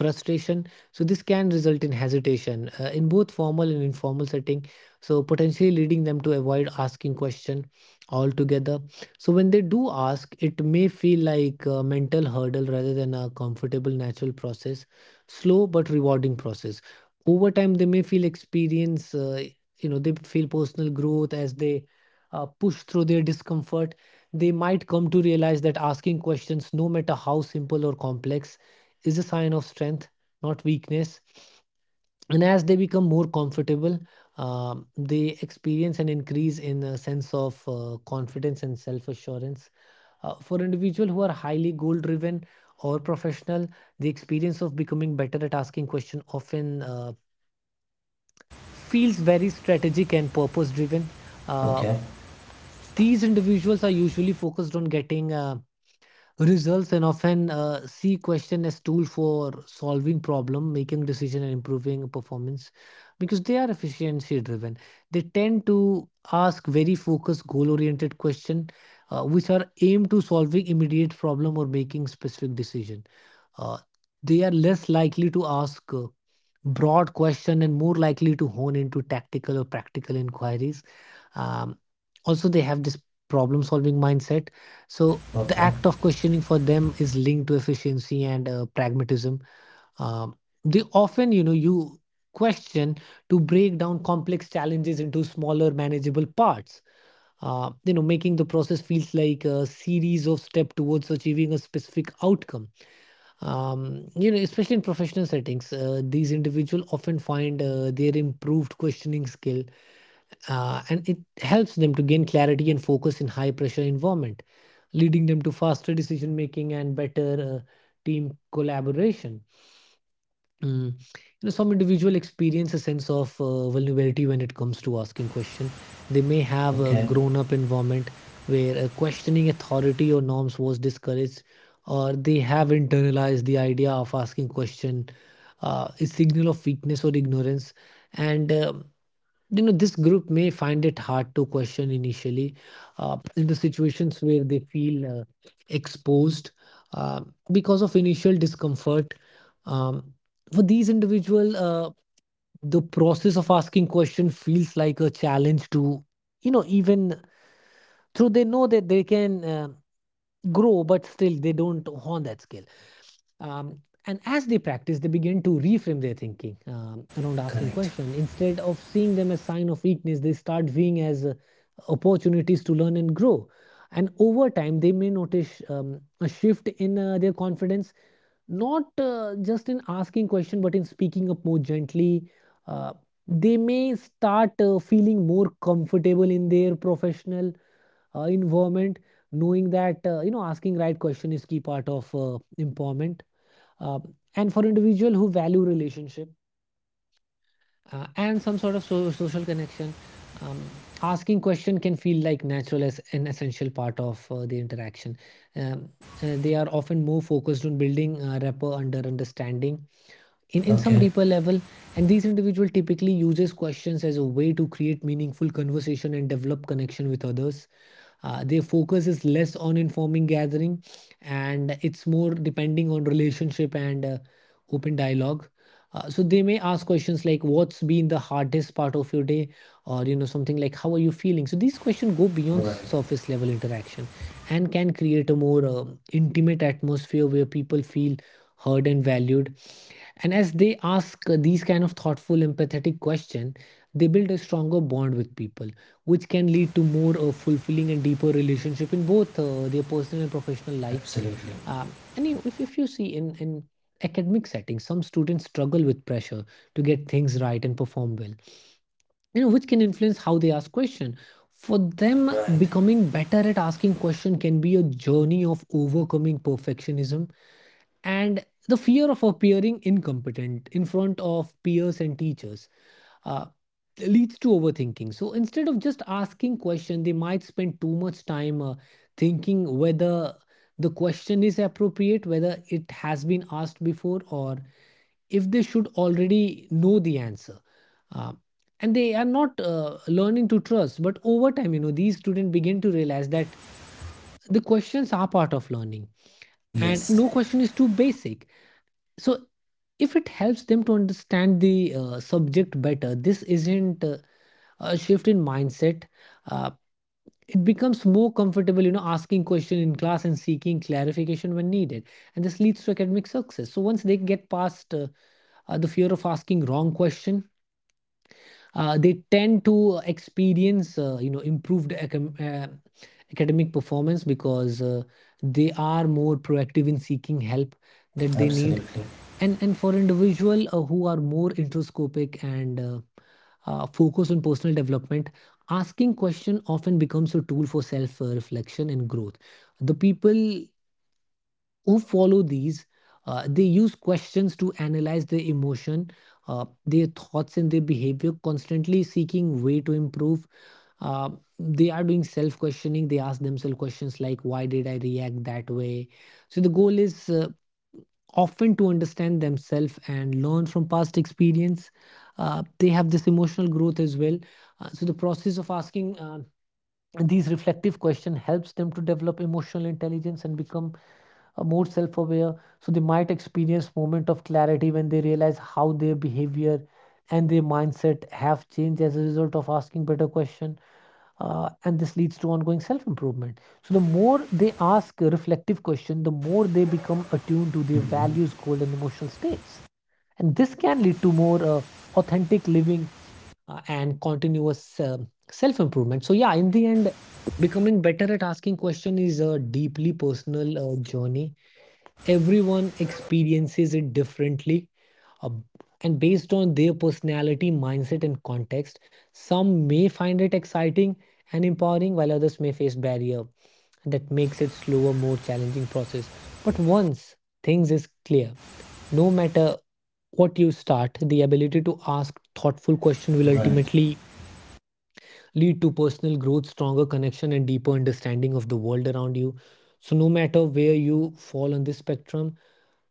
Speaker 2: frustration. So this can result in hesitation in both formal and informal setting, so potentially leading them to avoid asking question altogether. So when they do ask, it may feel like a mental hurdle rather than a comfortable natural process, slow but rewarding process. Over time they may feel experience they feel personal growth as they push through their discomfort. They might come to realize that asking questions, no matter how simple or complex, is a sign of strength, not weakness. And as they become more comfortable, they experience an increase in a sense of confidence and self-assurance. For individuals who are highly goal driven or professional, the experience of becoming better at asking questions often feels very strategic and purpose driven.
Speaker 1: okay,
Speaker 2: These individuals are usually focused on getting results, and often see question as tool for solving problem, making decision and improving performance. Because they are efficiency driven, they tend to ask very focused goal oriented question, which are aimed to solving immediate problem or making specific decision. uh, they are less likely to ask broad question and more likely to hone into tactical or practical inquiries. um, Also they have this problem solving mindset. So the
Speaker 1: okay,
Speaker 2: act of questioning for them is linked to efficiency and pragmatism. Um, they often, you question to break down complex challenges into smaller, manageable parts. Making the process feels like a series of steps towards achieving a specific outcome. Especially in professional settings, these individuals often find their improved questioning skill, and it helps them to gain clarity and focus in high pressure environment, leading them to faster decision making and better uh, team collaboration. Mm. Some individual experience a sense of vulnerability when it comes to asking question. They may have a
Speaker 1: okay.
Speaker 2: grown up environment where questioning authority or norms was discouraged, or they have internalized the idea of asking question a signal of weakness or ignorance. And this group may find it hard to question initially in the situations where they feel exposed uh, because of initial discomfort. Um, for these individual, the process of asking question feels like a challenge to, even though they know that they can grow, but still they don't hone that skill. Um, and as they practice, they begin to reframe their thinking around asking
Speaker 1: Correct.
Speaker 2: questions. Instead of seeing them as sign of weakness, they start viewing as opportunities to learn and grow. And over time, they may notice a shift in their confidence, not just in asking question, but in speaking up more gently. Uh, they may start feeling more comfortable in their professional environment, knowing that asking right question is key part of empowerment. uh, and for individual who value relationship and some sort of social connection, asking question can feel like natural as an essential part of the interaction. Um, they are often more focused on building rapport under understanding in some
Speaker 1: Okay.
Speaker 2: deeper level. And these individual typically uses questions as a way to create meaningful conversation and develop connection with others. Their focus is less on informing gathering, and it's more depending on relationship and open dialogue. So they may ask questions like, what's been the hardest part of your day? Or something like, how are you feeling? So these questions go beyond
Speaker 1: Right.
Speaker 2: surface level interaction and can create a more intimate atmosphere where people feel heard and valued. And as they ask these kind of thoughtful, empathetic questions, they build a stronger bond with people, which can lead to more fulfilling and deeper relationship in both their personal and professional life.
Speaker 1: Absolutely.
Speaker 2: And if you see in academic settings, some students struggle with pressure to get things right and perform well, which can influence how they ask questions. For them,
Speaker 1: Right,
Speaker 2: becoming better at asking questions can be a journey of overcoming perfectionism and the fear of appearing incompetent in front of peers and teachers. uh, Leads to overthinking. So instead of just asking question, they might spend too much time thinking whether the question is appropriate, whether it has been asked before, or if they should already know the answer. Uh, and they are not learning to trust. But over time, these students begin to realize that the questions are part of learning, and
Speaker 1: yes,
Speaker 2: no question is too basic. So if it helps them to understand the subject better, this isn't a shift in mindset. uh, it becomes more comfortable asking question in class and seeking clarification when needed, and this leads to academic success. So once they get past the fear of asking wrong question, they tend to experience improved academic performance, because they are more proactive in seeking help that they need.
Speaker 1: absolutely.
Speaker 2: And for individual who are more introscopic and focus on personal development, asking question often becomes a tool for self reflection and growth. The people who follow these, they use questions to analyze their emotion, their thoughts and their behavior, constantly seeking way to improve. uh, they are doing self questioning. They ask themselves questions like, why did I react that way? So the goal is often to understand themselves and learn from past experience. They have this emotional growth as well. So the process of asking these reflective questions helps them to develop emotional intelligence and become more self-aware. So they might experience moment of clarity when they realize how their behavior and their mindset have changed as a result of asking better question. And this leads to ongoing self-improvement. So the more they ask a reflective question, the more they become attuned to their
Speaker 1: Hmm.
Speaker 2: values, goals, and emotional states, and this can lead to more authentic living and continuous self-improvement. So yeah, in the end, becoming better at asking questions is a deeply personal journey. Everyone experiences it differently, uh, and based on their personality, mindset, and context, some may find it exciting and empowering, while others may face barrier that makes it slower, more challenging process. But once things is clear, no matter what you start, the ability to ask thoughtful question will
Speaker 1: Right.
Speaker 2: ultimately lead to personal growth, stronger connection, and deeper understanding of the world around you. So no matter where you fall on this spectrum,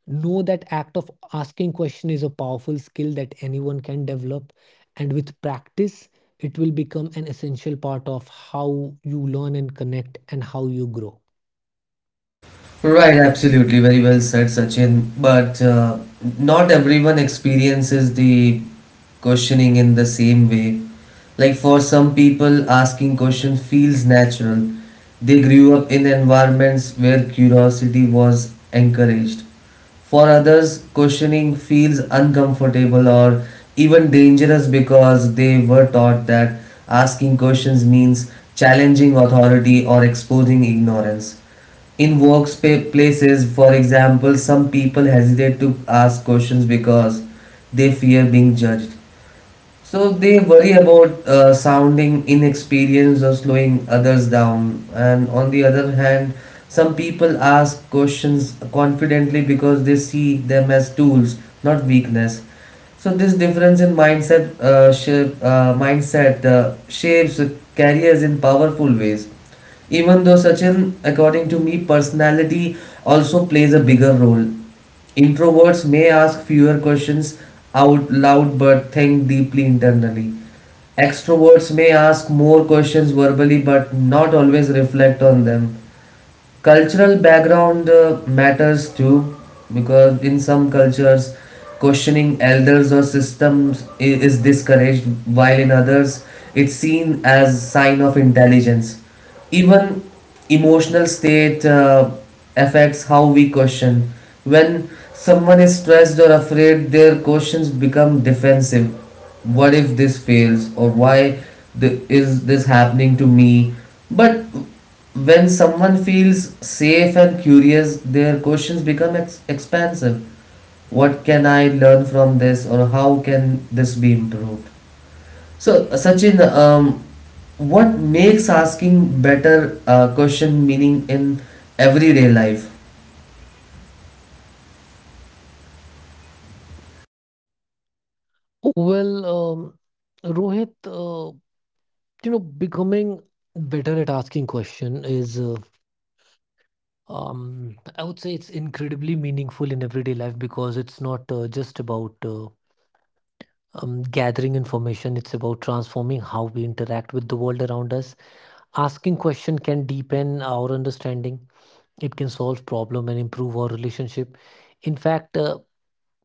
Speaker 2: know that act of asking question is a powerful skill that anyone can develop, and with practice it will become an essential part of how you learn and connect and how you grow.
Speaker 1: Right. Absolutely. Very well said, Sachin. But not everyone experiences the questioning in the same way. Like for some people, asking question feels natural. They grew up in environments where curiosity was encouraged. For others, questioning feels uncomfortable or even dangerous because they were taught that asking questions means challenging authority or exposing ignorance. In workplaces, for example, some people hesitate to ask questions because they fear being judged. So they worry about sounding inexperienced or slowing others down. And on the other hand, some people ask questions confidently because they see them as tools, not weakness. So this difference in mindset shapes careers in powerful ways. Even though, Sachin, according to me, personality also plays a bigger role. Introverts may ask fewer questions out loud but think deeply internally. Extroverts may ask more questions verbally but not always reflect on them. Cultural background matters too, because in some cultures questioning elders or systems is discouraged, while in others it's seen as sign of intelligence. Even emotional state affects how we question. When someone is stressed or afraid, their questions become defensive. What if this fails, or is this happening to me? But when someone feels safe and curious, their questions become expansive. What can I learn from this, or how can this be improved? So Sachin, what makes asking better question meaning in everyday life?
Speaker 2: Well, Rohit, becoming better at asking question is, I would say it's incredibly meaningful in everyday life, because it's not just about gathering information. It's about transforming how we interact with the world around us. Asking question can deepen our understanding, it can solve problem and improve our relationship. In fact,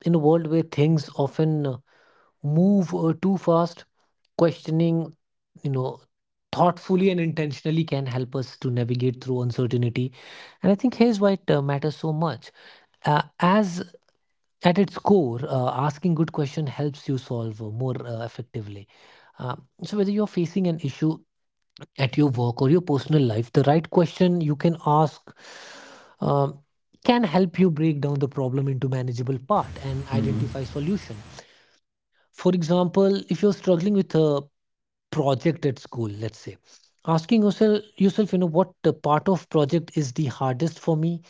Speaker 2: in a world where things often move too fast, questioning you know thoughtfully and intentionally can help us to navigate through uncertainty. And I think here's why it matters so much. As At its core, asking good question helps you solve more effectively. Uh, so whether you're facing an issue at your work or your personal life, the right question you can ask um, can help you break down the problem into manageable part and identify solution. For example, if you're struggling with a project at school, let's say, asking yourself, what part of project is the hardest for me,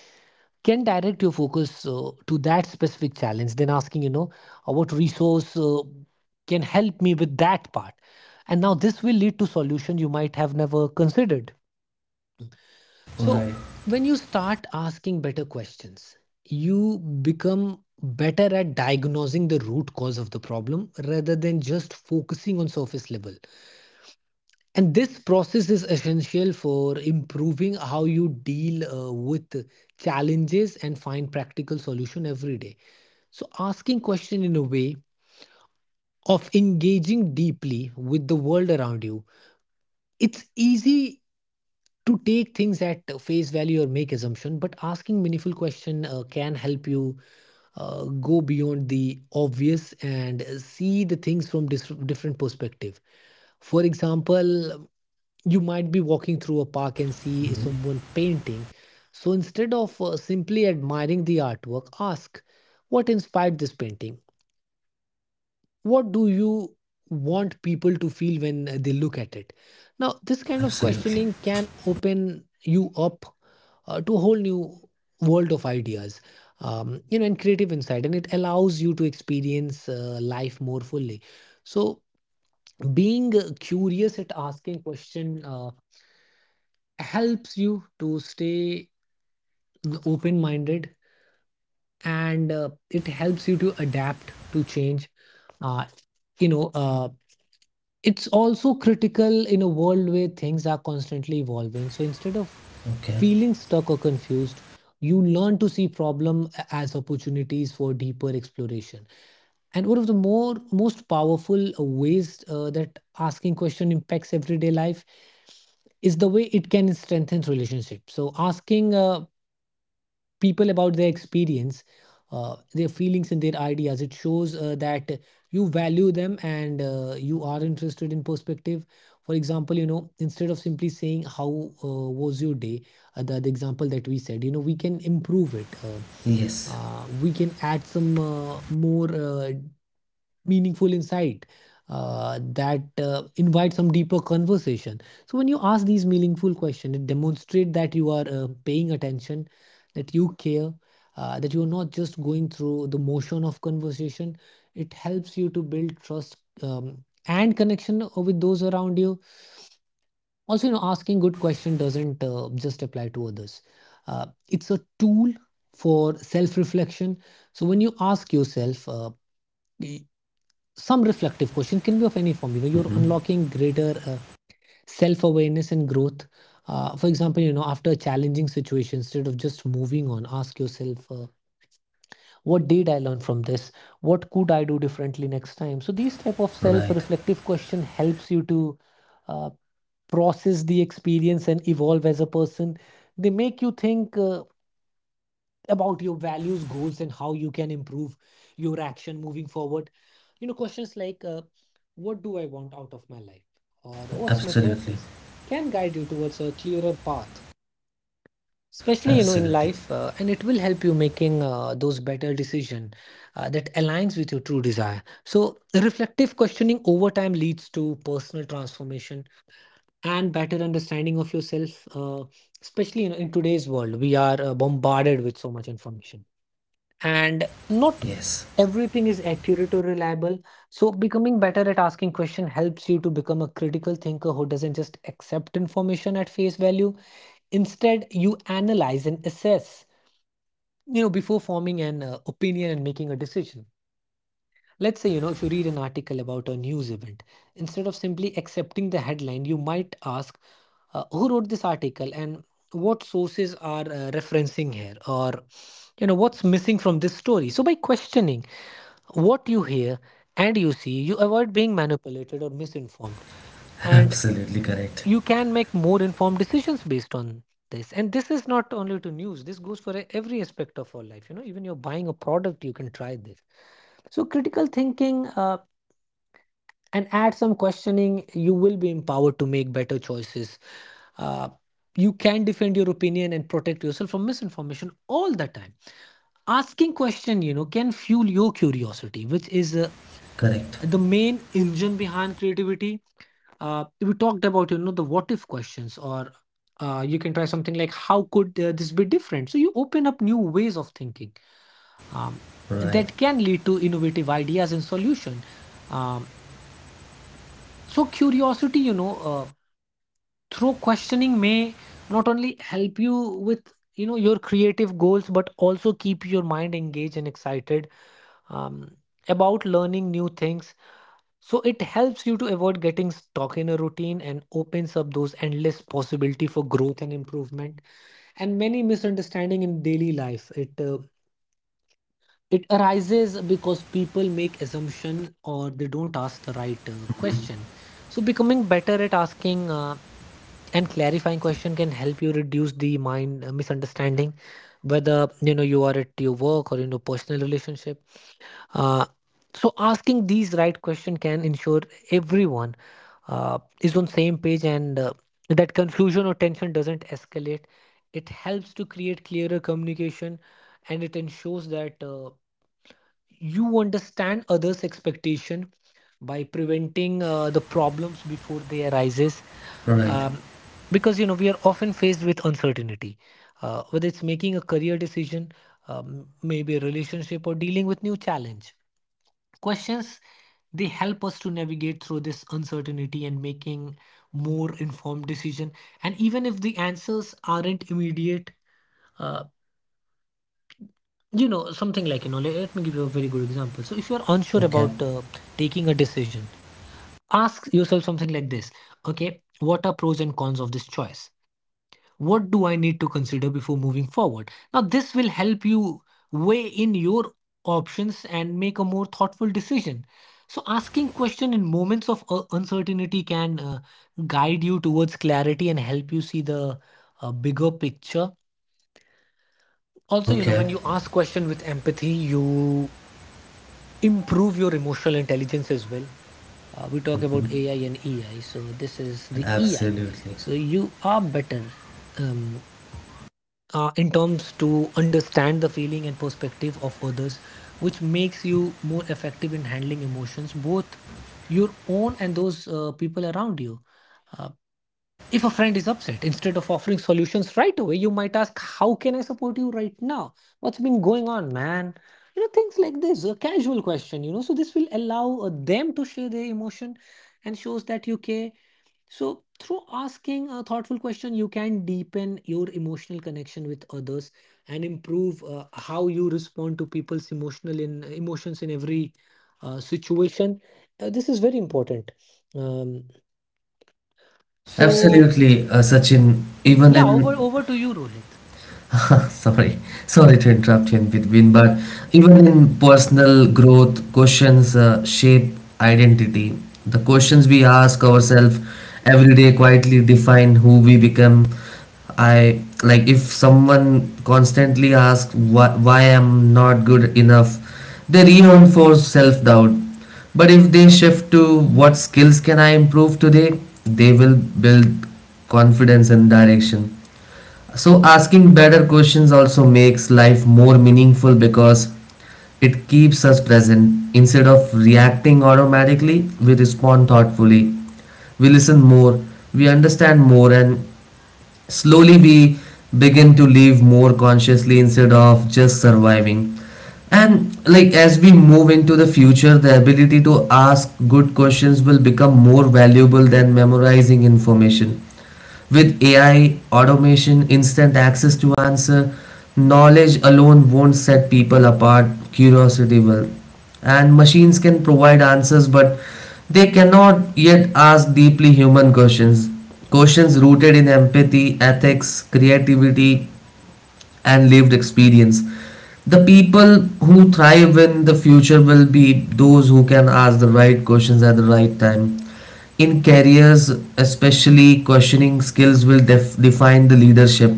Speaker 2: can direct your focus to that specific challenge. Then asking, what resource can help me with that part, and now this will lead to solution you might have never considered. So
Speaker 1: Right.
Speaker 2: when you start asking better questions, you become better at diagnosing the root cause of the problem rather than just focusing on surface level. And this process is essential for improving how you deal with challenges and find practical solution every day. So asking question in a way of engaging deeply with the world around you. It's easy to take things at face value or make assumption, but asking meaningful question can help you go beyond the obvious and see the things from different perspective. For example, you might be walking through a park and see someone painting. So instead of simply admiring the artwork, ask, what inspired this painting? What do you want people to feel when they look at it? Now, this kind of
Speaker 1: Absolutely.
Speaker 2: questioning can open you up to a whole new world of ideas, and creative insight, and it allows you to experience life more fully. So, being curious at asking question helps you to stay open minded, and it helps you to adapt to change. uh, you know uh, it's also critical in a world where things are constantly evolving. So instead of
Speaker 1: Okay.
Speaker 2: feeling stuck or confused, you learn to see problem as opportunities for deeper exploration. And one of the more most powerful ways that asking question impacts everyday life is the way it can strengthen relationships. So asking people about their experience, their feelings, and their ideas. It shows that you value them and you are interested in perspective. For example, you know, instead of simply saying, how was your day? The example that we said, you know, we can improve it.
Speaker 1: Yes.
Speaker 2: We can add some more meaningful insight that invite some deeper conversation. So when you ask these meaningful questions, it demonstrates that you are paying attention, that you care, that you're not just going through the motion of conversation. It helps you to build trust and connection with those around you. Also, you know, asking good question doesn't just apply to others. It's a tool for self reflection. So when you ask yourself, some reflective question can be of any form. You know, you're unlocking greater self-awareness and growth. For example, you know, after a challenging situation, instead of just moving on, ask yourself, what did I learn from this? What could I do differently next time? So these type of
Speaker 1: Right.
Speaker 2: self-reflective question helps you to uh, process the experience and evolve as a person. They make you think about your values, goals, and how you can improve your action moving forward. You know, questions like, what do I want out of my life, or what's my
Speaker 1: Absolutely.
Speaker 2: purpose, can guide you towards a clearer path, especially, you know, in
Speaker 1: Absolutely.
Speaker 2: life, and it will help you making those better decision that aligns with your true desire. So reflective questioning over time leads to personal transformation and better understanding of yourself, especially, you know, in today's world, we are bombarded with so much information, and not
Speaker 1: Yes.
Speaker 2: everything is accurate or reliable. So becoming better at asking question helps you to become a critical thinker who doesn't just accept information at face value. Instead, you analyze and assess, you know, before forming an opinion and making a decision. Let's say, you know, if you read an article about a news event, instead of simply accepting the headline, you might ask, who wrote this article, and what sources are referencing here, or, you know, what's missing from this story? So by questioning what you hear and you see, you avoid being manipulated or misinformed. And
Speaker 1: Absolutely correct.
Speaker 2: you can make more informed decisions based on this. And this is not only to news, this goes for every aspect of our life. You know, even you're buying a product, you can try this. So, critical thinking. And add some questioning, you will be empowered to make better choices. Uh, you can defend your opinion and protect yourself from misinformation all the time. Asking question, you know, can fuel your curiosity, which is
Speaker 1: Correct.
Speaker 2: the main engine behind creativity. We talked about, you know, the what if questions, or you can try something like, how could this be different? So you open up new ways of thinking um,
Speaker 1: Right.
Speaker 2: that can lead to innovative ideas and solution. Um, so curiosity, through questioning, may not only help you with, you know, your creative goals, but also keep your mind engaged and excited um, about learning new things. So it helps you to avoid getting stuck in a routine and opens up those endless possibility for growth and improvement. And many misunderstanding in daily life, it arises because people make assumption, or they don't ask the right question. So becoming better at asking and clarifying question can help you reduce the mind misunderstanding, whether, you know, you are at your work or in your personal relationship. uh, so asking these right question can ensure everyone is on same page, and that confusion or tension doesn't escalate. It helps to create clearer communication, and it ensures that you understand others expectation by preventing the problems before they arises.
Speaker 1: Right.
Speaker 2: um, because, you know, we are often faced with uncertainty, whether it's making a career decision, maybe a relationship, or dealing with new challenge. Questions, they help us to navigate through this uncertainty and making more informed decision. And even if the answers aren't immediate, uh, you know, something like, you know, let me give you a very good example. So, if you're unsure
Speaker 1: Okay.
Speaker 2: about taking a decision, ask yourself something like this. Okay, what are pros and cons of this choice? What do I need to consider before moving forward? Now, this will help you weigh in your options and make a more thoughtful decision. So, asking question in moments of uncertainty can guide you towards clarity and help you see the bigger picture. Also, you know,
Speaker 1: Okay.
Speaker 2: when you ask question with empathy, you improve your emotional intelligence as well. We talk about AI and EI, so this is the EI.
Speaker 1: Absolutely.
Speaker 2: So you are better um, in terms to understand the feeling and perspective of others, which makes you more effective in handling emotions, both your own and those people around you. Uh, if a friend is upset, instead of offering solutions right away, you might ask, how can I support you right now? What's been going on, man? You know, things like this, a casual question, you know. So, this will allow them to share their emotion and shows that you care. So, through asking a thoughtful question, you can deepen your emotional connection with others and improve how you respond to people's emotions in every situation. This is very important. Um, so,
Speaker 1: Absolutely, Sachin. Even
Speaker 2: Yeah,
Speaker 1: in
Speaker 2: over to you, Rohit.
Speaker 1: sorry, sorry to interrupt you in between, but even in personal growth, questions shape identity. The questions we ask ourselves every day quietly define who we become. I like, if someone constantly asks why I'm not good enough, they reinforce self-doubt. But if they shift to what skills can I improve today, they will build confidence and direction. So asking better questions also makes life more meaningful, because it keeps us present. Instead of reacting automatically, we respond thoughtfully. We listen more, we understand more, and slowly we begin to live more consciously instead of just surviving. And like, as we move into the future, the ability to ask good questions will become more valuable than memorizing information. With AI, automation, instant access to answer, knowledge alone won't set people apart, curiosity will. And machines can provide answers, but they cannot yet ask deeply human questions. Questions rooted in empathy, ethics, creativity, and lived experience. The people who thrive in the future will be those who can ask the right questions at the right time. In careers especially, questioning skills will define the leadership.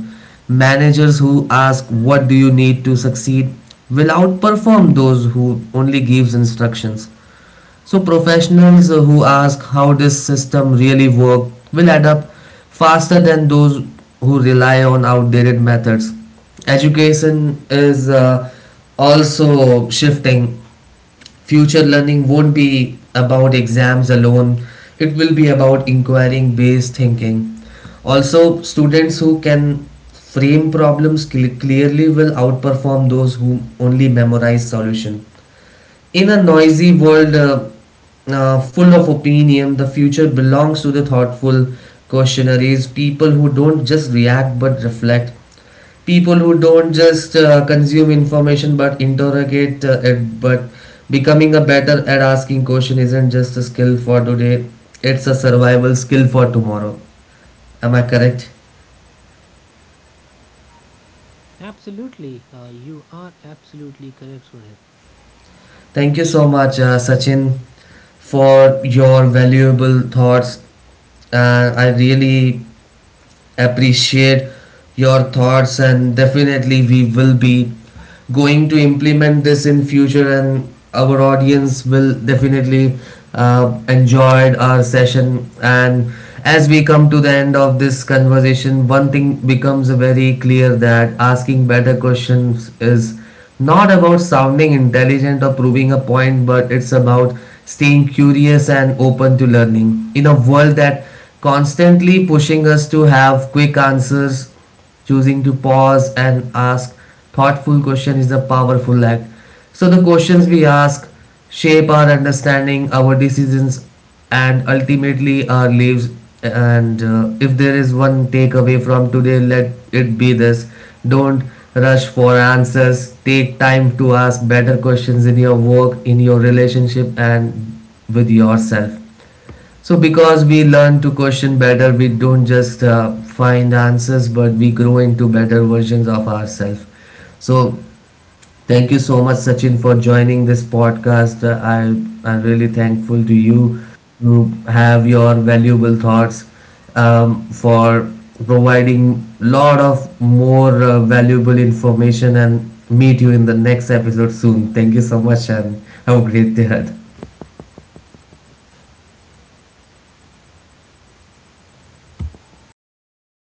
Speaker 1: Managers who ask what do you need to succeed will outperform those who only gives instructions. So professionals who ask how this system really work will add up faster than those who rely on outdated methods. Education is also shifting. Future learning won't be about exams alone, it will be about inquiring based thinking. Also, students who can frame problems clearly will outperform those who only memorize solution. In a noisy world, full of opinion, the future belongs to the thoughtful questionaries, people who don't just react but reflect, people who don't just consume information but interrogate it. But becoming a better at asking question isn't just a skill for today, it's a survival skill for tomorrow. Am I correct?
Speaker 2: Absolutely, you are absolutely correct, Rohit.
Speaker 1: Thank you so much, Sachin, for your valuable thoughts. I really appreciate your thoughts, and definitely we will be going to implement this in future. And our audience will definitely enjoyed our session. And as we come to the end of this conversation, one thing becomes very clear, that asking better questions is not about sounding intelligent or proving a point, but it's about staying curious and open to learning. In a world that constantly pushing us to have quick answers, choosing to pause and ask thoughtful question is a powerful act. So the questions we ask shape our understanding, our decisions, and ultimately our lives. And if there is one takeaway from today, let it be this: don't rush for answers. Take time to ask better questions in your work, in your relationship, and with yourself. So, because we learn to question better, we don't just find answers, but we grow into better versions of ourselves. So, thank you so much, Sachin, for joining this podcast. I am really thankful to you to have your valuable thoughts, for providing lot of more valuable information, and meet you in the next episode soon. Thank you so much and have a great day ahead.